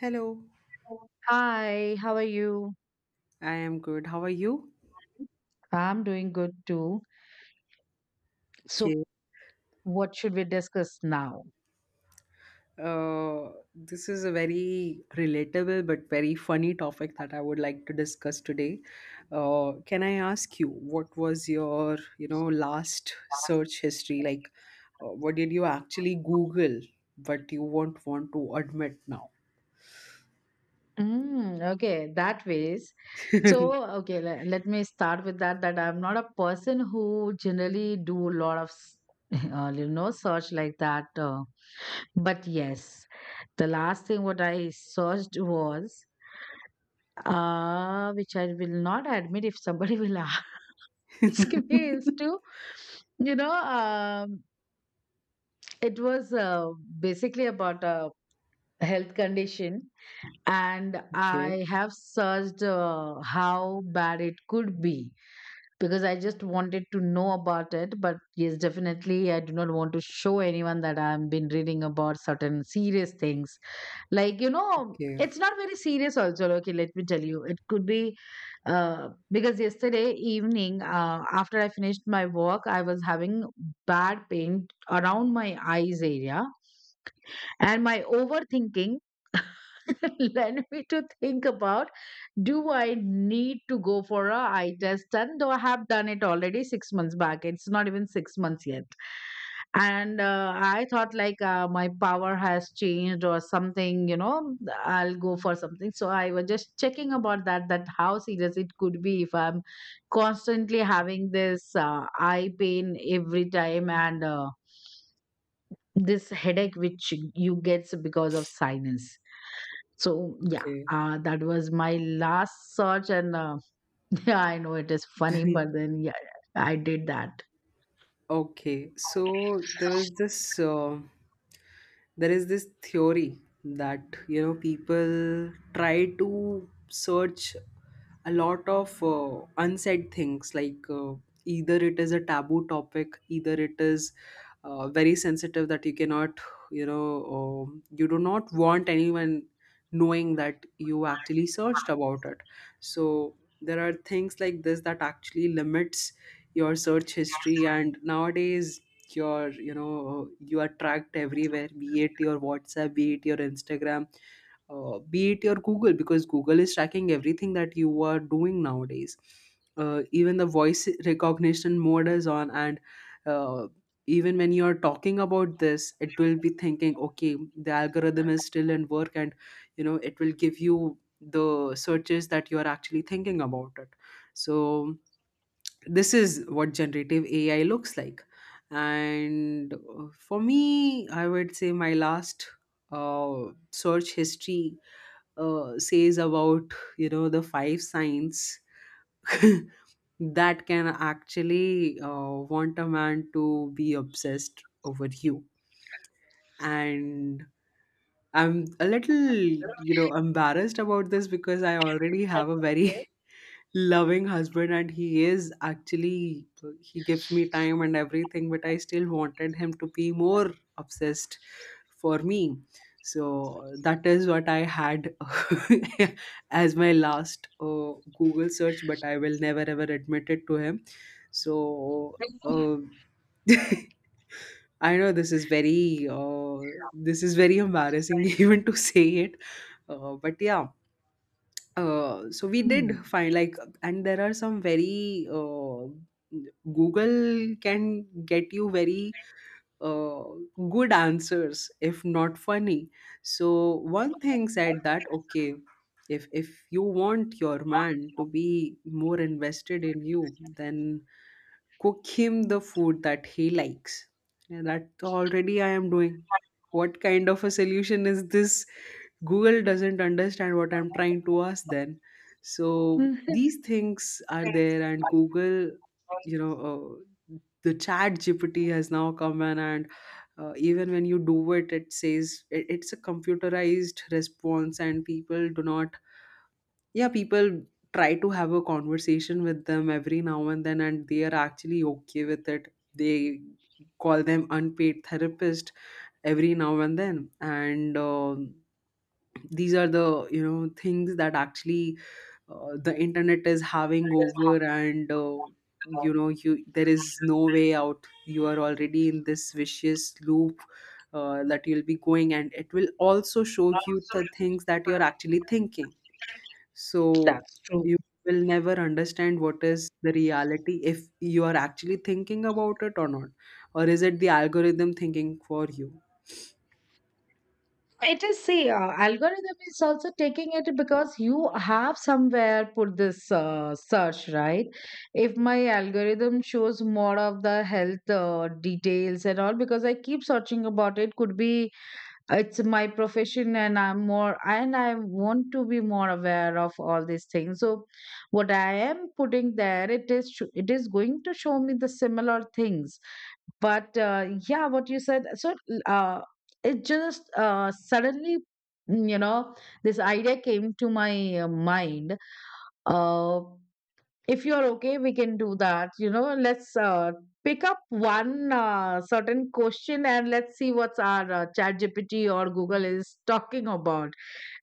Hello. Hi, how are you? I am good. How are you? I'm doing good too. So, Okay. what should we discuss now? This is a very relatable but very funny topic that I would like to discuss today. Can I ask you what was your, you know, last search history? Like, what did you actually Google, but you won't want to admit now? Mm, okay, that ways. So, okay, let me start with that. That I'm not a person who generally do a lot of, search like that. But yes, the last thing what I searched was, which I will not admit if somebody will ask me, is to, you know, um, It was basically about a health condition, and Okay, I have searched how bad it could be because I just wanted to know about it. But yes, definitely, I do not want to show anyone that I've been reading about certain serious things. Like okay, it's not very serious, also. Okay, let me tell you, it could be because yesterday evening, after I finished my work, I was having bad pain around my eyes area and my overthinking led me to think about do I need to go for a eye test? And though I have done it already 6 months back, it's not even 6 months yet. And I thought like my power has changed or something, I'll go for something. So I was just checking about that, that how serious it could be if I'm constantly having this eye pain every time and this headache which you get because of sinus, so yeah. okay, That was my last search, and yeah, I know it is funny, but then yeah, I did that. okay. So there was this. There is this theory that, you know, people try to search a lot of unsaid things, like either it is a taboo topic, either it is very sensitive, that you cannot, you know, you do not want anyone knowing that you actually searched about it. So there are things like this that actually limits your search history. And nowadays you know, you are tracked everywhere, be it your WhatsApp, be it your Instagram, be it your Google, because Google is tracking everything that you are doing nowadays. Even the voice recognition mode is on, and uh, even when you are talking about this, it will be thinking, okay, the algorithm is still in work, and you know, it will give you the searches that you are actually thinking about it. So this is what generative AI looks like. And For me, I would say my last uh, search history says about, you know, the five signs that can actually want a man to be obsessed over you. And I'm a little, you know, embarrassed about this, because I already have a very loving husband, and he is actually, he gives me time and everything, but I still wanted him to be more obsessed for me. So that is what I had as my last Google search, but I will never ever admit it to him. So, I know this is very embarrassing even to say it. But yeah, so we Hmm. did find, like, and there are some very Google can get you very uh, good answers, if not funny. So one thing said that, okay, if you want your man to be more invested in you, then cook him the food that he likes. And that already I am doing. What kind of a solution is this? Google doesn't understand what I'm trying to ask then. So Mhm. these things are there, and Google, you know, uh, the chat GPT has now come in, and even when you do it, it says it's a computerized response, and people do not, yeah, people try to have a conversation with them every now and then, and they are actually okay with it. They call them unpaid therapist every now and then, and these are the, you know, things that actually the internet is having over. And You know, you there is no way out, you are already in this vicious loop that you'll be going, and it will also show you the things that you're actually thinking. So That's true. you will never understand what is the reality, if you are actually thinking about it or not, or is it the algorithm thinking for you. It is, see, algorithm is also taking it because you have somewhere put this search, right? If my algorithm shows more of the health details and all because I keep searching about it, could be it's my profession and I want to be more aware of all these things. So what I am putting there, it is it is going to show me the similar things. But yeah, what you said, so uh, it just suddenly mm, you know this idea came to my mind. uh, if you're okay, we can do that, let's pick up one certain question and let's see what's our chat gpt or google is talking about.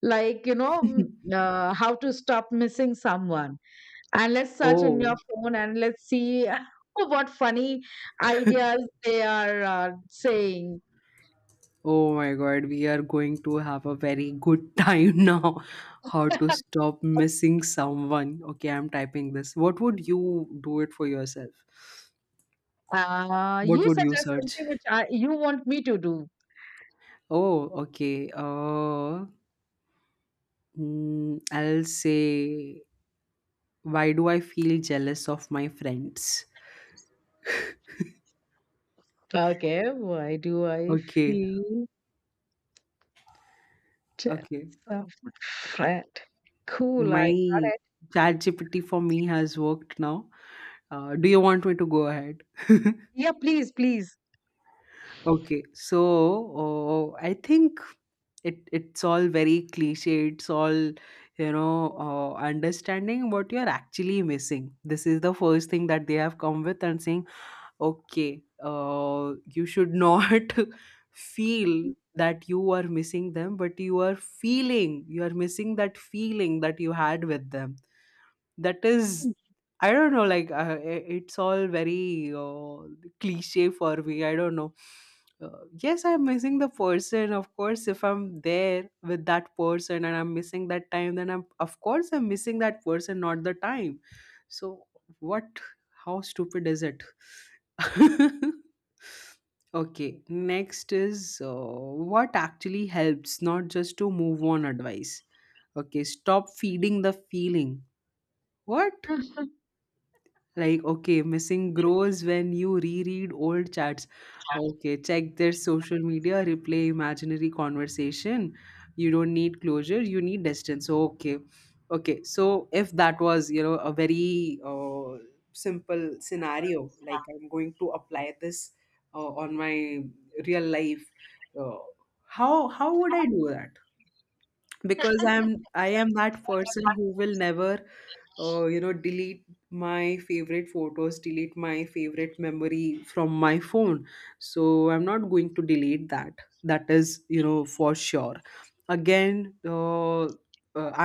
How to stop missing someone. And let's search in your Oh, phone and let's see. What funny ideas they are saying. oh my God, we are going to have a very good time now. How to stop missing someone. Okay, I'm typing this. What would you do it for yourself? What You would you suggest search? something, which you want me to do. Oh, okay. I'll say, why do I feel jealous of my friends? Okay, why do I Okay, feel tips okay. of a friend? Cool, I got My it. chat GPT for me has worked now. Do you want me to go ahead? Yeah, please, please. Okay, so I think it's all very cliche, it's all, you know, understanding what you're actually missing. This is the first thing that they have come with, and saying, okay, you should not feel that you are missing them, but you are feeling you are missing that feeling that you had with them. That is, I don't know, like, it's all very cliche for me, I don't know. Yes, I'm missing the person, of course. If I'm there with that person and I'm missing that time, then I'm of course I'm missing that person, not the time. So what, how stupid is it. Okay, next is, what actually helps, not just to move on advice. Okay, stop feeding the feeling. What, like, okay, missing grows when you reread old chats. Okay, check their social media, replay imaginary conversation. You don't need closure, you need distance. Okay, okay. So, if that was, you know, a very simple scenario, like I'm going to apply this on my real life, uh, how would I do that? Because I am that person who will never you know, delete my favorite photos, delete my favorite memory from my phone. So I'm not going to delete that, that is, you know, for sure. Again,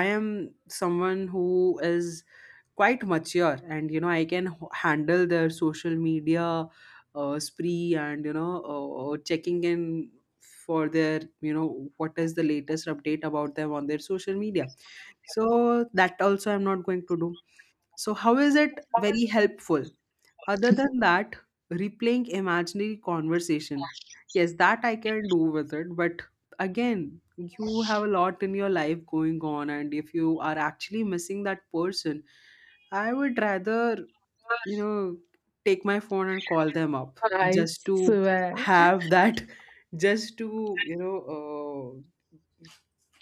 I am someone who is quite mature, and you know, I can handle their social media spree, and you know, checking in for their, you know, what is the latest update about them on their social media. So that also I'm not going to do. So how is it very helpful? Other than that, replaying imaginary conversation, yes, that I can do with it. But again, you have a lot in your life going on, and if you are actually missing that person, I would rather, you know, take my phone and call them up, I just to swear. have that, just to, you know,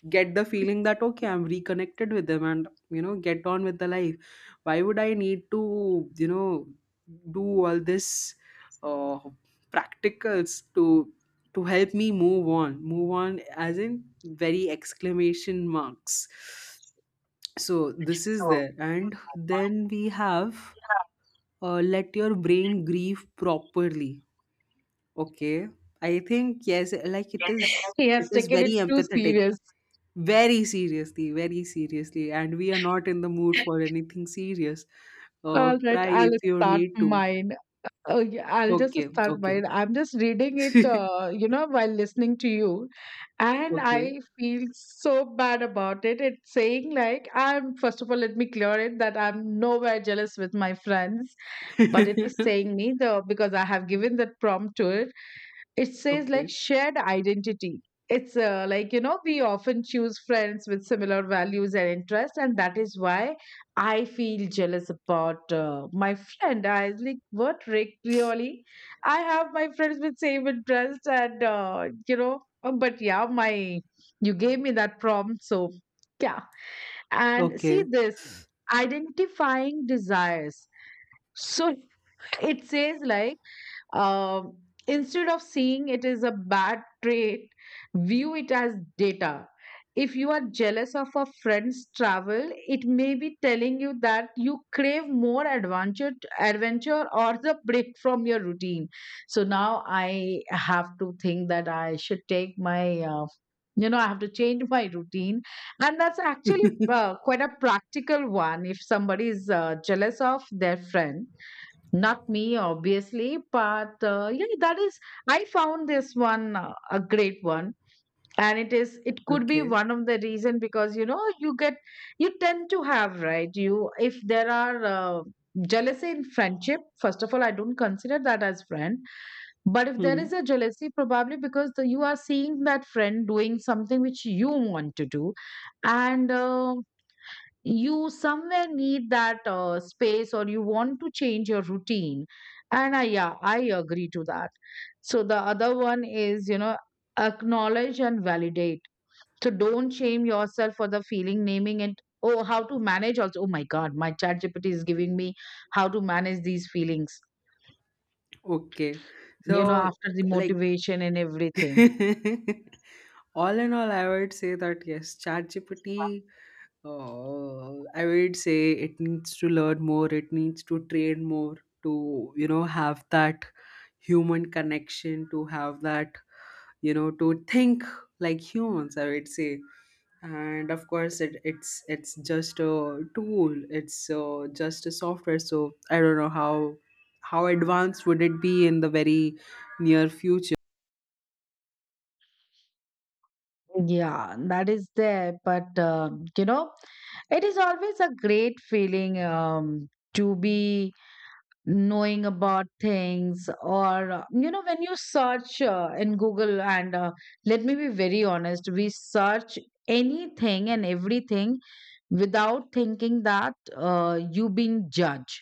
get the feeling that, okay, I'm reconnected with them, and you know, get on with the life. Why would I need to, you know, do all this uh, practicals to help me move on, move on as in very exclamation marks. So this is there, and then we have, let your brain grieve properly. Okay, I think, yes, like it is, He it has is taken it very too empathetic, serious. very seriously, very seriously, and we are not in the mood for anything serious. Uh, All right, cry I'll if you start need to. mine. Oh, yeah, I'll just Okay, start okay. mine. I'm just reading it, while listening to you, and Okay. I feel so bad about it. It's saying like I'm. First of all, let me clear it that I'm nowhere jealous with my friends, but it is saying me the because I have given that prompt to it. It says like Okay, shared identity. It's like, we often choose friends with similar values and interests, and that is why I feel jealous about my friend. I was like, what Rick, really? I have my friends with same interests, and but yeah, my you gave me that prompt, so yeah. And see okay. this, identifying desires. So it says like, um, instead of seeing it as a bad trait, view it as data. If you are jealous of a friend's travel, it may be telling you that you crave more adventure or the break from your routine. So now I have to think that I should take my, you know, I have to change my routine. And that's actually quite a practical one if somebody is jealous of their friend, not me, obviously, but yeah, that is. I found this one a great one, and it is. It could be Okay. one of the reason, because you tend to have, right? You If there are jealousy in friendship, first of all, I don't consider that as friend. But if there is Hmm. a jealousy, probably because you are seeing that friend doing something which you want to do, and you somewhere need that space or you want to change your routine, and yeah, I agree to that. So the other one is, acknowledge and validate. So don't shame yourself for the feeling, naming it. Oh, how to manage also, oh my god, my chat gpt is giving me how to manage these feelings, Okay, you know, so, after the like, motivation and everything. all in all I would say that, yes, chat. Oh, I would say it needs to learn more. It needs to train more to, you know, have that human connection, to have that, you know, to think like humans, I would say. And of course, it's it's just a tool. It's just a software. So I don't know how advanced would it be in the very near future. Yeah, that is there, but it is always a great feeling, to be knowing about things. Or when you search in google, and let me be very honest, we search anything and everything without thinking that you being judged.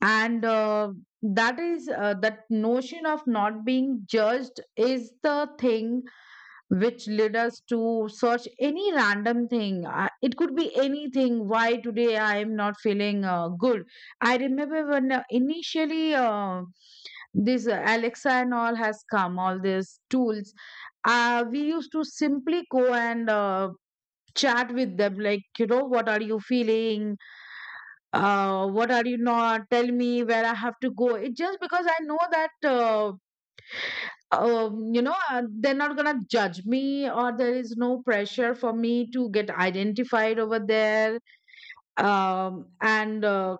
And that is that notion of not being judged is the thing which led us to search any random thing. It could be anything. Why today I am not feeling good? I remember when initially this Alexa and all has come, all these tools, we used to simply go and chat with them, like, you know, what are you feeling? What are you not? Tell me where I have to go. It just because I know that. They're not gonna judge me, or there is no pressure for me to get identified over there. And uh,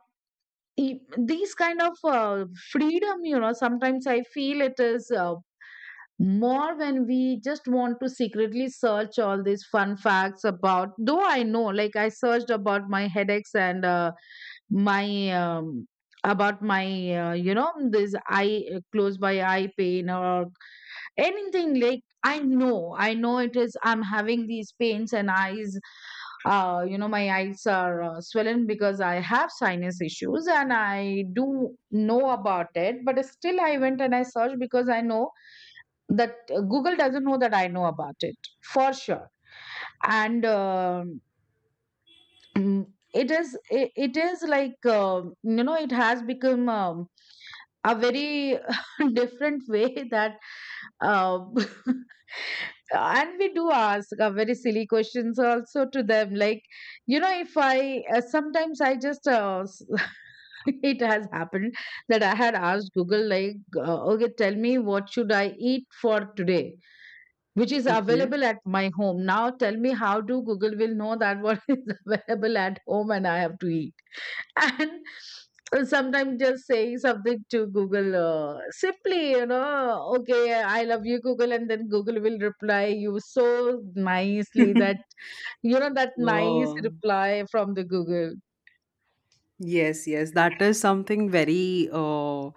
e- these kind of freedom, sometimes I feel it is more when we just want to secretly search all these fun facts about. Though I know, like I searched about my headaches and my. About my this eye close by eye pain or anything. Like, i know it is, I'm having these pains and eyes, my eyes are swollen because I have sinus issues, and I do know about it. But still I went and I searched, because I know that google doesn't know that I know about it, for sure. And mm, it is like it has become a very different way that uh, and we do ask very silly questions also to them, like, if I sometimes I just it has happened that I had asked google like, okay, tell me what should I eat for today which is Okay. available at my home. Now tell me, how do google will know that what is available at home and I have to eat? And sometimes just saying something to google, simply, okay, I love you google, and then google will reply you so nicely that, that nice Oh. reply from the google. Yes, yes, that is something very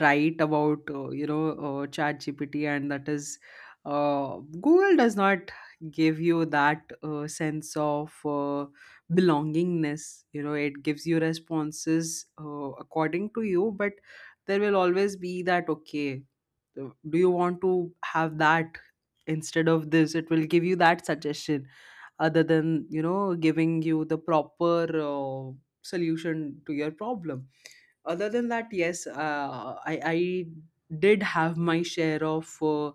right about you know, ChatGPT, and that is, Google does not give you that sense of belongingness. You know, it gives you responses according to you, but there will always be that, okay, do you want to have that instead of this? It will give you that suggestion, other than, you know, giving you the proper solution to your problem. Other than that, yes, I did have my share of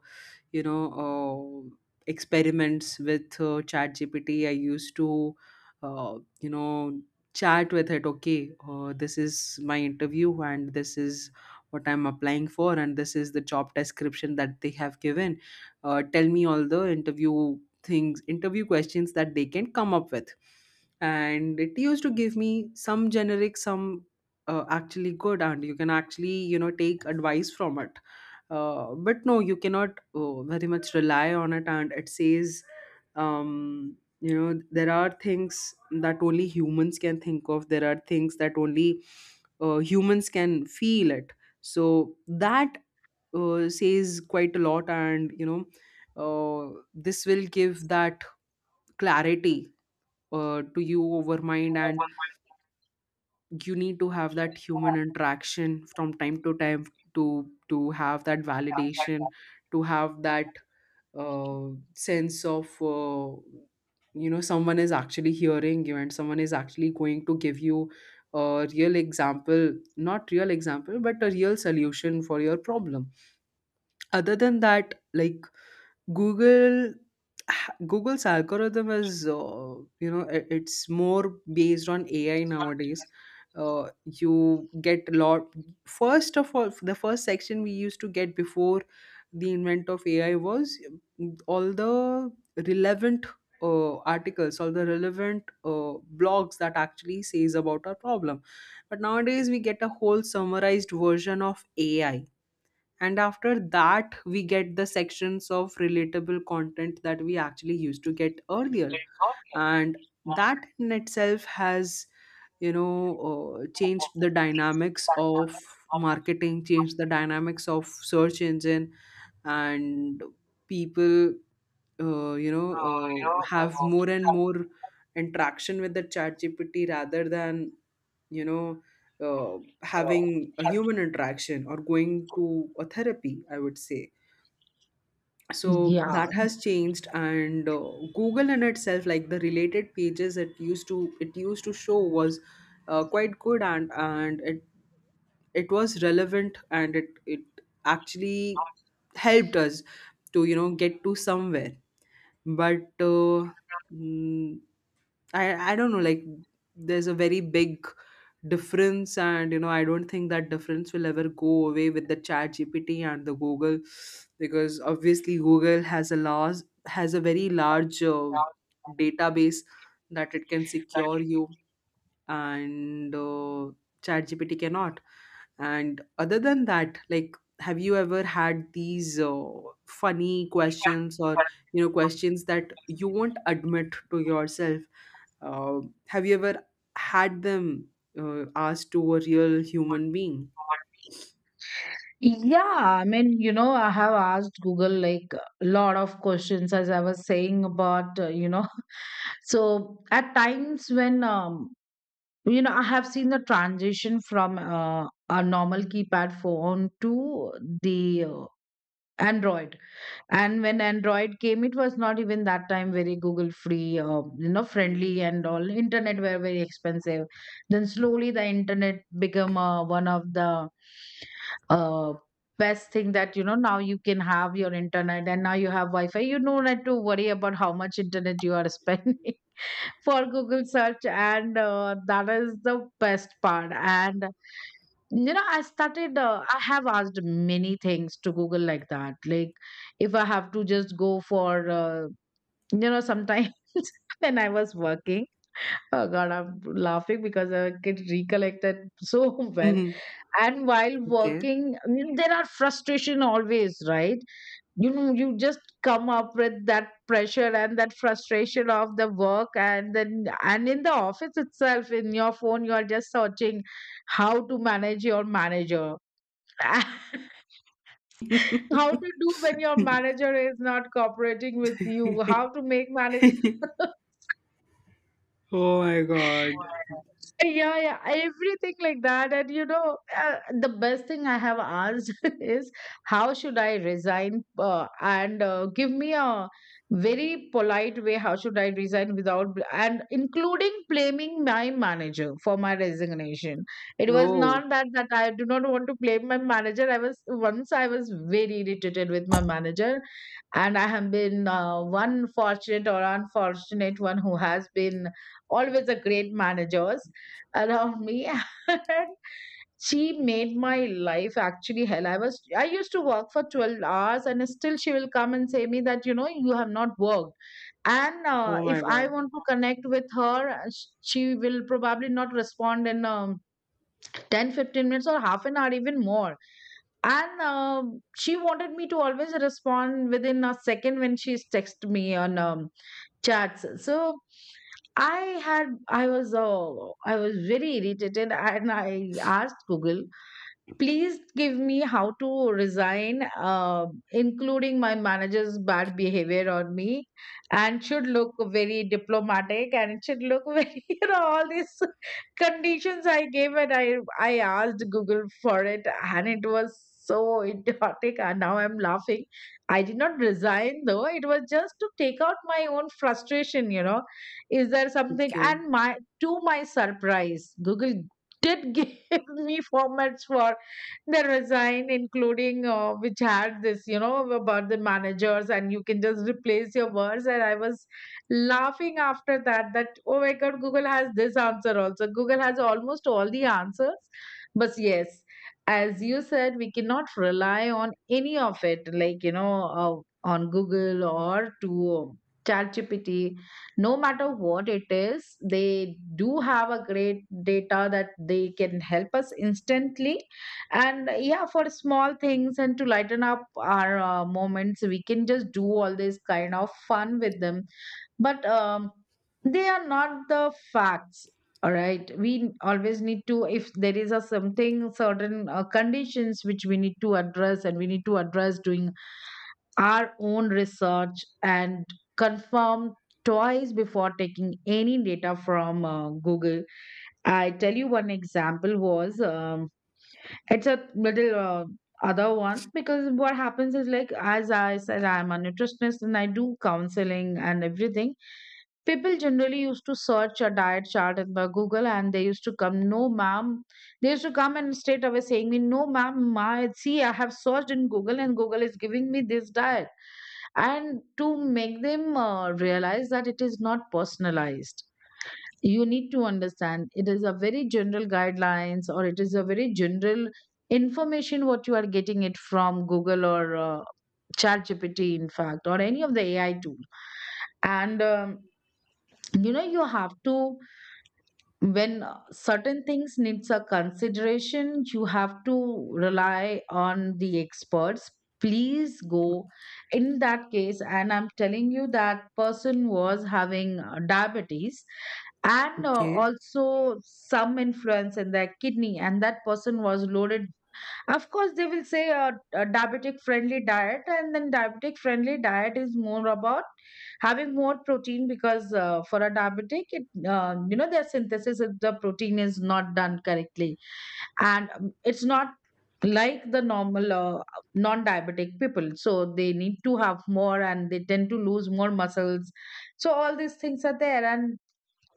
you know, experiments with chat GPT. I used to uh, you know, chat with it, okay, this is my interview, and this is what I'm applying for, and this is the job description that they have given. Uh, tell me all the interview things, interview questions that they can come up with. And it used to give me some generic, some actually good, and you can actually, you know, take advice from it. But no, you cannot very much rely on it, and it says, you know, there are things that only humans can think of, there are things that only humans can feel it. So that says quite a lot, and you know, this will give that clarity to you over mind. And you need to have that human interaction from time to time, to have that validation, to have that uh, sense of you know, someone is actually hearing you, and someone is actually going to give you a real example, not real example, but a real solution for your problem. Other than that, like, Google Google's algorithm is you know, it's more based on AI nowadays. You get a lot, first of all, the first section we used to get before the invent of AI was all the relevant articles, all the relevant blogs that actually says about our problem. But nowadays we get a whole summarized version of AI, and after that we get the sections of relatable content that we actually used to get earlier. And that in itself has, you know, changed the dynamics of marketing, changed the dynamics of search engine. And people you know, have more and more interaction with the chat GPT rather than, you know, having a human interaction or going to a therapy, I would say. So Yeah, that has changed. And Google in itself, like, the related pages it used to show was quite good, and it, it was relevant, and it actually helped us to, you know, get to somewhere. But uh, mm, I don't know, like, there's a very big difference, and you know, I don't think that difference will ever go away with the chat GPT and the Google, because obviously Google has a large has a very large database that it can secure you, and chat GPT cannot. And other than that, like, have you ever had these funny questions, or you know, questions that you won't admit to yourself? uh, have you ever had them asked to a real human being? yeah, I mean, I have asked google like a lot of questions, as I was saying about so at times when I have seen the transition from a normal keypad phone to the Android. And when Android came, it was not even that time very Google free, friendly and all. Internet were very expensive. Then slowly the internet became one of the uh, best thing, that now you can have your internet and now you have Wi-Fi. You don't have to worry about how much internet you are spending for Google search, and that is the best part. And I have asked many things to Google like that. Like, if I have to just go for, sometimes when I was working, oh God, I'm laughing because I get recollected so well. Mhm. And while Okay. working, I mean, there are frustration always, right? You just come up with that pressure and that frustration of the work, and then and in the office itself, in your phone you are just searching how to manage your manager. How to do when your manager is not cooperating with you, how to make manager. Oh my God. Yeah, yeah, everything like that. And the best thing I have asked is, how should I resign? And give me a very polite way how should I resign without, and including blaming my manager for my resignation. It was Oh, not that that I do not want to blame my manager. I was once, I was very irritated with my manager, and I have been one fortunate or unfortunate one who has been always a great managers around me and she made my life actually hell. I used to work for 12 hours and still she will come and say me that you know you have not worked. And oh if my I God. want to connect with her, she will probably not respond in 10, 15 minutes or half an hour, even more. And she wanted me to always respond within a second when she's text me on chats. So i had i was uh, I was very irritated and I asked Google, please give me how to resign, including my manager's bad behavior on me, and should look very diplomatic and it should look very, you know, all this conditions I gave. And I asked Google for it and it was so idiotic and now I'm laughing. I did not resign though. It was just to take out my own frustration, you know. Is there something? Okay. And my, to my surprise, Google did give me formats for the resign, including, which had this, you know, about the managers, and you can just replace your words. And I was laughing after that, that oh my god, Google has this answer also. Google has almost all the answers. But yes, as you said, we cannot rely on any of it, like, you know, uh, on Google or to ChatGPT. No matter what it is, they do have a great data that they can help us instantly. And yeah, for small things and to lighten up our moments, we can just do all this kind of fun with them. But they are not the facts. All right, we always need to, if there is a something certain, conditions which we need to address, and we need to address doing our own research and confirm twice before taking any data from Google. I tell you, one example was, it's a little, other one. Because what happens is, like, as I said, I'm a nutritionist and I do counseling and everything. People generally used to search a diet chart in the Google and they used to come, no ma'am, they used to come and straight away saying me, no ma'am, my, see, I have searched in Google and Google is giving me this diet. And to make them realize that it is not personalized, you need to understand, it is a very general guidelines, or it is a very general information what you are getting it from Google or chat gpt in fact, or any of the AI tool. And you know, you have to, when certain things needs a consideration, you have to rely on the experts. Please go, in that case. And I'm telling you, that person was having diabetes and Okay. also some influence in their kidney, and that person was loaded. Of course they will say a diabetic friendly diet. And then diabetic friendly diet is more about having more protein, because for a diabetic, it, you know, their synthesis of the protein is not done correctly. And it's not like the normal non-diabetic people, so they need to have more and they tend to lose more muscles. So all these things are there. And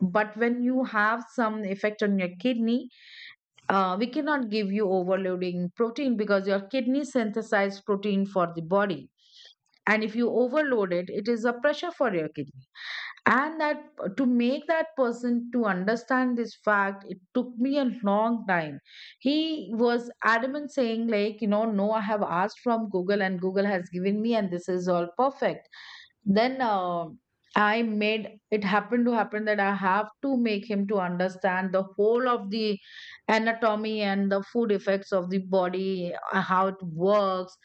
but when you have some effect on your kidney, we cannot give you overloading protein, because your kidney synthesize protein for the body. And if you overload it, it is a pressure for your kidney. And that, to make that person to understand this fact, it took me a long time. He was adamant, saying like, you know, no, I have asked from Google and Google has given me, and this is all perfect. Then I made it happen to happen that I have to make him to understand the whole of the anatomy and the food effects of the body, how it works.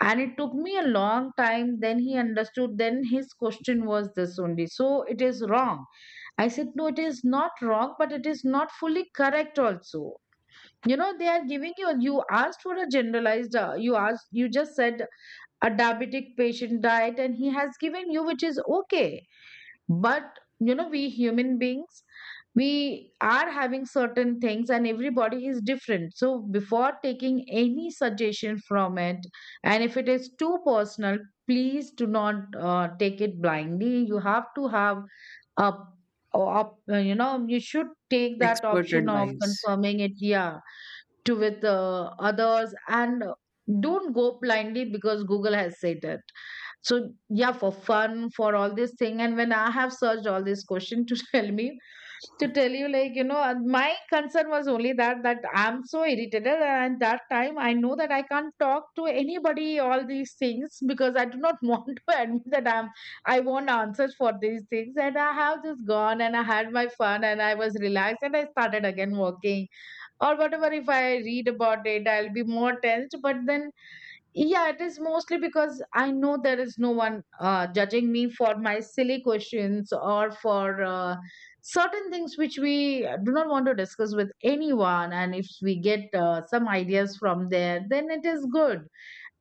And it took me a long time. Then he understood. Then his question was, this only so it is wrong? I said, no, it is not wrong, but it is not fully correct also. You know, they are giving you, you asked for a generalized, you asked, you just said a diabetic patient diet and he has given you, which is okay. But you know, we human beings, we are having certain things and everybody is different. So before taking any suggestion from it, and if it is too personal, please do not take it blindly. You have to have a, a, you know, you should take that Expert option of advice. confirming it, yeah, to, with others. And don't go blindly because Google has said it. So yeah, for fun, for all this thing. And when I have searched all this question, to tell me, to tell you, like, you know, and my concern was only that, that I'm so irritated, and at that time I know that I can't talk to anybody all these things because I do not want to admit that I'm, I want answers for these things. And I have just gone and I had my fun and I was relaxed and I started again working. Or whatever, if I read about it, I'll be more tensed. But then, yeah, it is mostly because I know there is no one judging me for my silly questions, or for certain things which we do not want to discuss with anyone. And if we get some ideas from there, then it is good.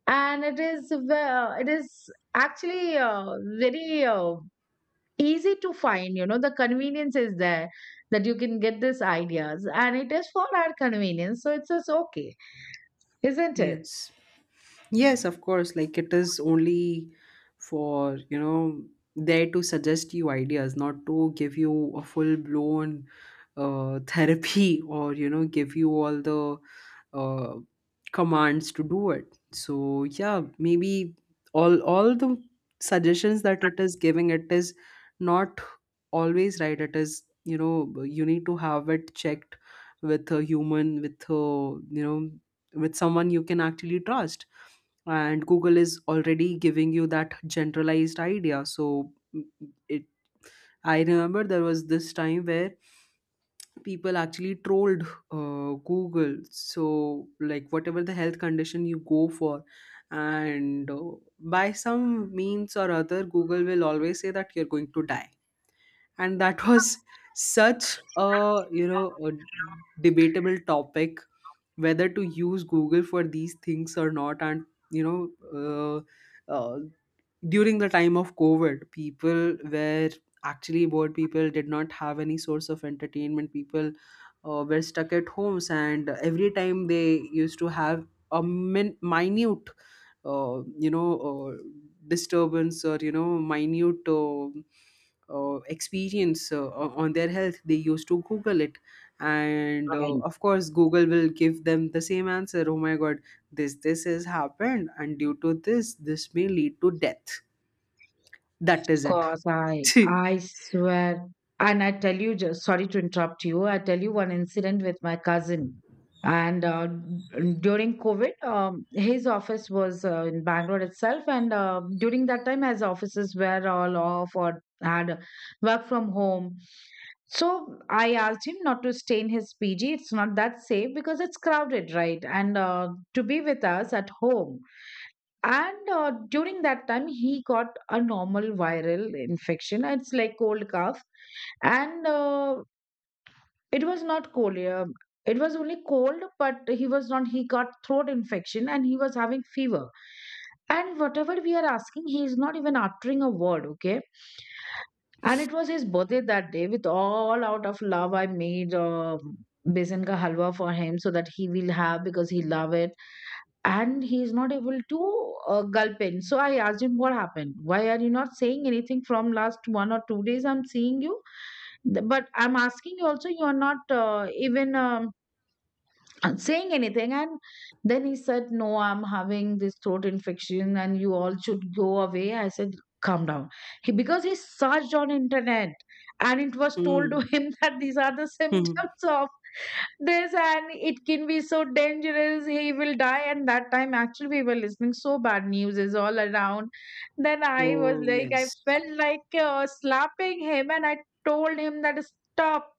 And it is, it is actually very easy to find. You know, the convenience is there, that you can get these ideas, and it is for our convenience, so it's just okay, isn't it? Yes. Yes, of course. Like, it is only for, you know, there to suggest you ideas, not to give you a full blown therapy, or you know, give you all the uh, commands to do it. So yeah, maybe all the suggestions that it is giving, it is not always right. It is, you know, you need to have it checked with a human, with a, you know, with someone you can actually trust. And Google is already giving you that generalized idea. So, it, I remember there was this time where people actually trolled Google, so like, whatever the health condition you go for, and by some means or other, Google will always say that you're going to die. And that was such a, you know, a debatable topic, whether to use Google for these things or not. And you know, uh, uh, during the time of COVID, people were actually bored, people did not have any source of entertainment, people were stuck at homes, and every time they used to have a minute you know, disturbance, or you know, minute experience on their health, they used to Google it. And of course, Google will give them the same answer, oh my God, this has happened, and due to this, this may lead to death. That is it. Course, I swear. And I tell you, just sorry to interrupt you. I tell you one incident with my cousin. And during COVID, his office was in Bangalore itself. And during that time, as offices were all off or had work from home. So I asked him not to stay in his PG. It's not that safe because it's crowded, right? And to be with us at home. And during that time, he got a normal viral infection. It's like cold cough, and it was not cold. It was only cold, but he was not. He got throat infection, and he was having fever. And whatever we are asking, he is not even uttering a word. Okay, and it was his birthday that day. With all out of love, I made besan ka halwa for him so that he will have, because he love it. And he is not able to gulp in. So I asked him, what happened? Why are you not saying anything from last one or two days? I'm seeing you, but I'm asking you also. You are not, even, and saying anything. And then he said, no, I'm having this throat infection, and you all should go away. I said, calm down. He, because he searched on internet, and it was told to Mm. him that these are the symptoms of this, and it can be so dangerous, he will die. And that time actually we were listening, so bad news is all around. Then I was Oh, like, I yes. felt like slapping him. And I told him that stop,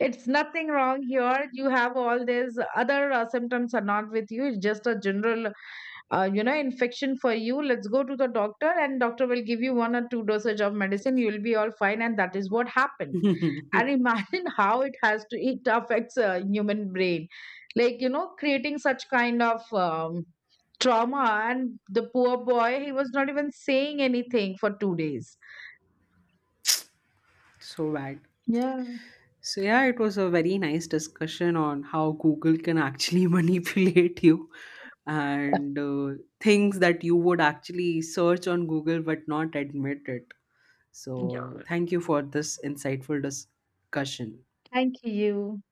it's nothing wrong here. You have all these other symptoms are not with you. It's just a general, you know, infection for you. Let's go to the doctor, and doctor will give you one or two dosage of medicine. You'll be all fine, and that is what happened. And imagine how it has to, it affects a human brain, like, you know, creating such kind of trauma. And the poor boy, he was not even saying anything for 2 days. So bad. Yeah. So, yeah, it was a very nice discussion on how Google can actually manipulate you, and things that you would actually search on Google but not admit it. So, thank you for this insightful discussion. Thank you.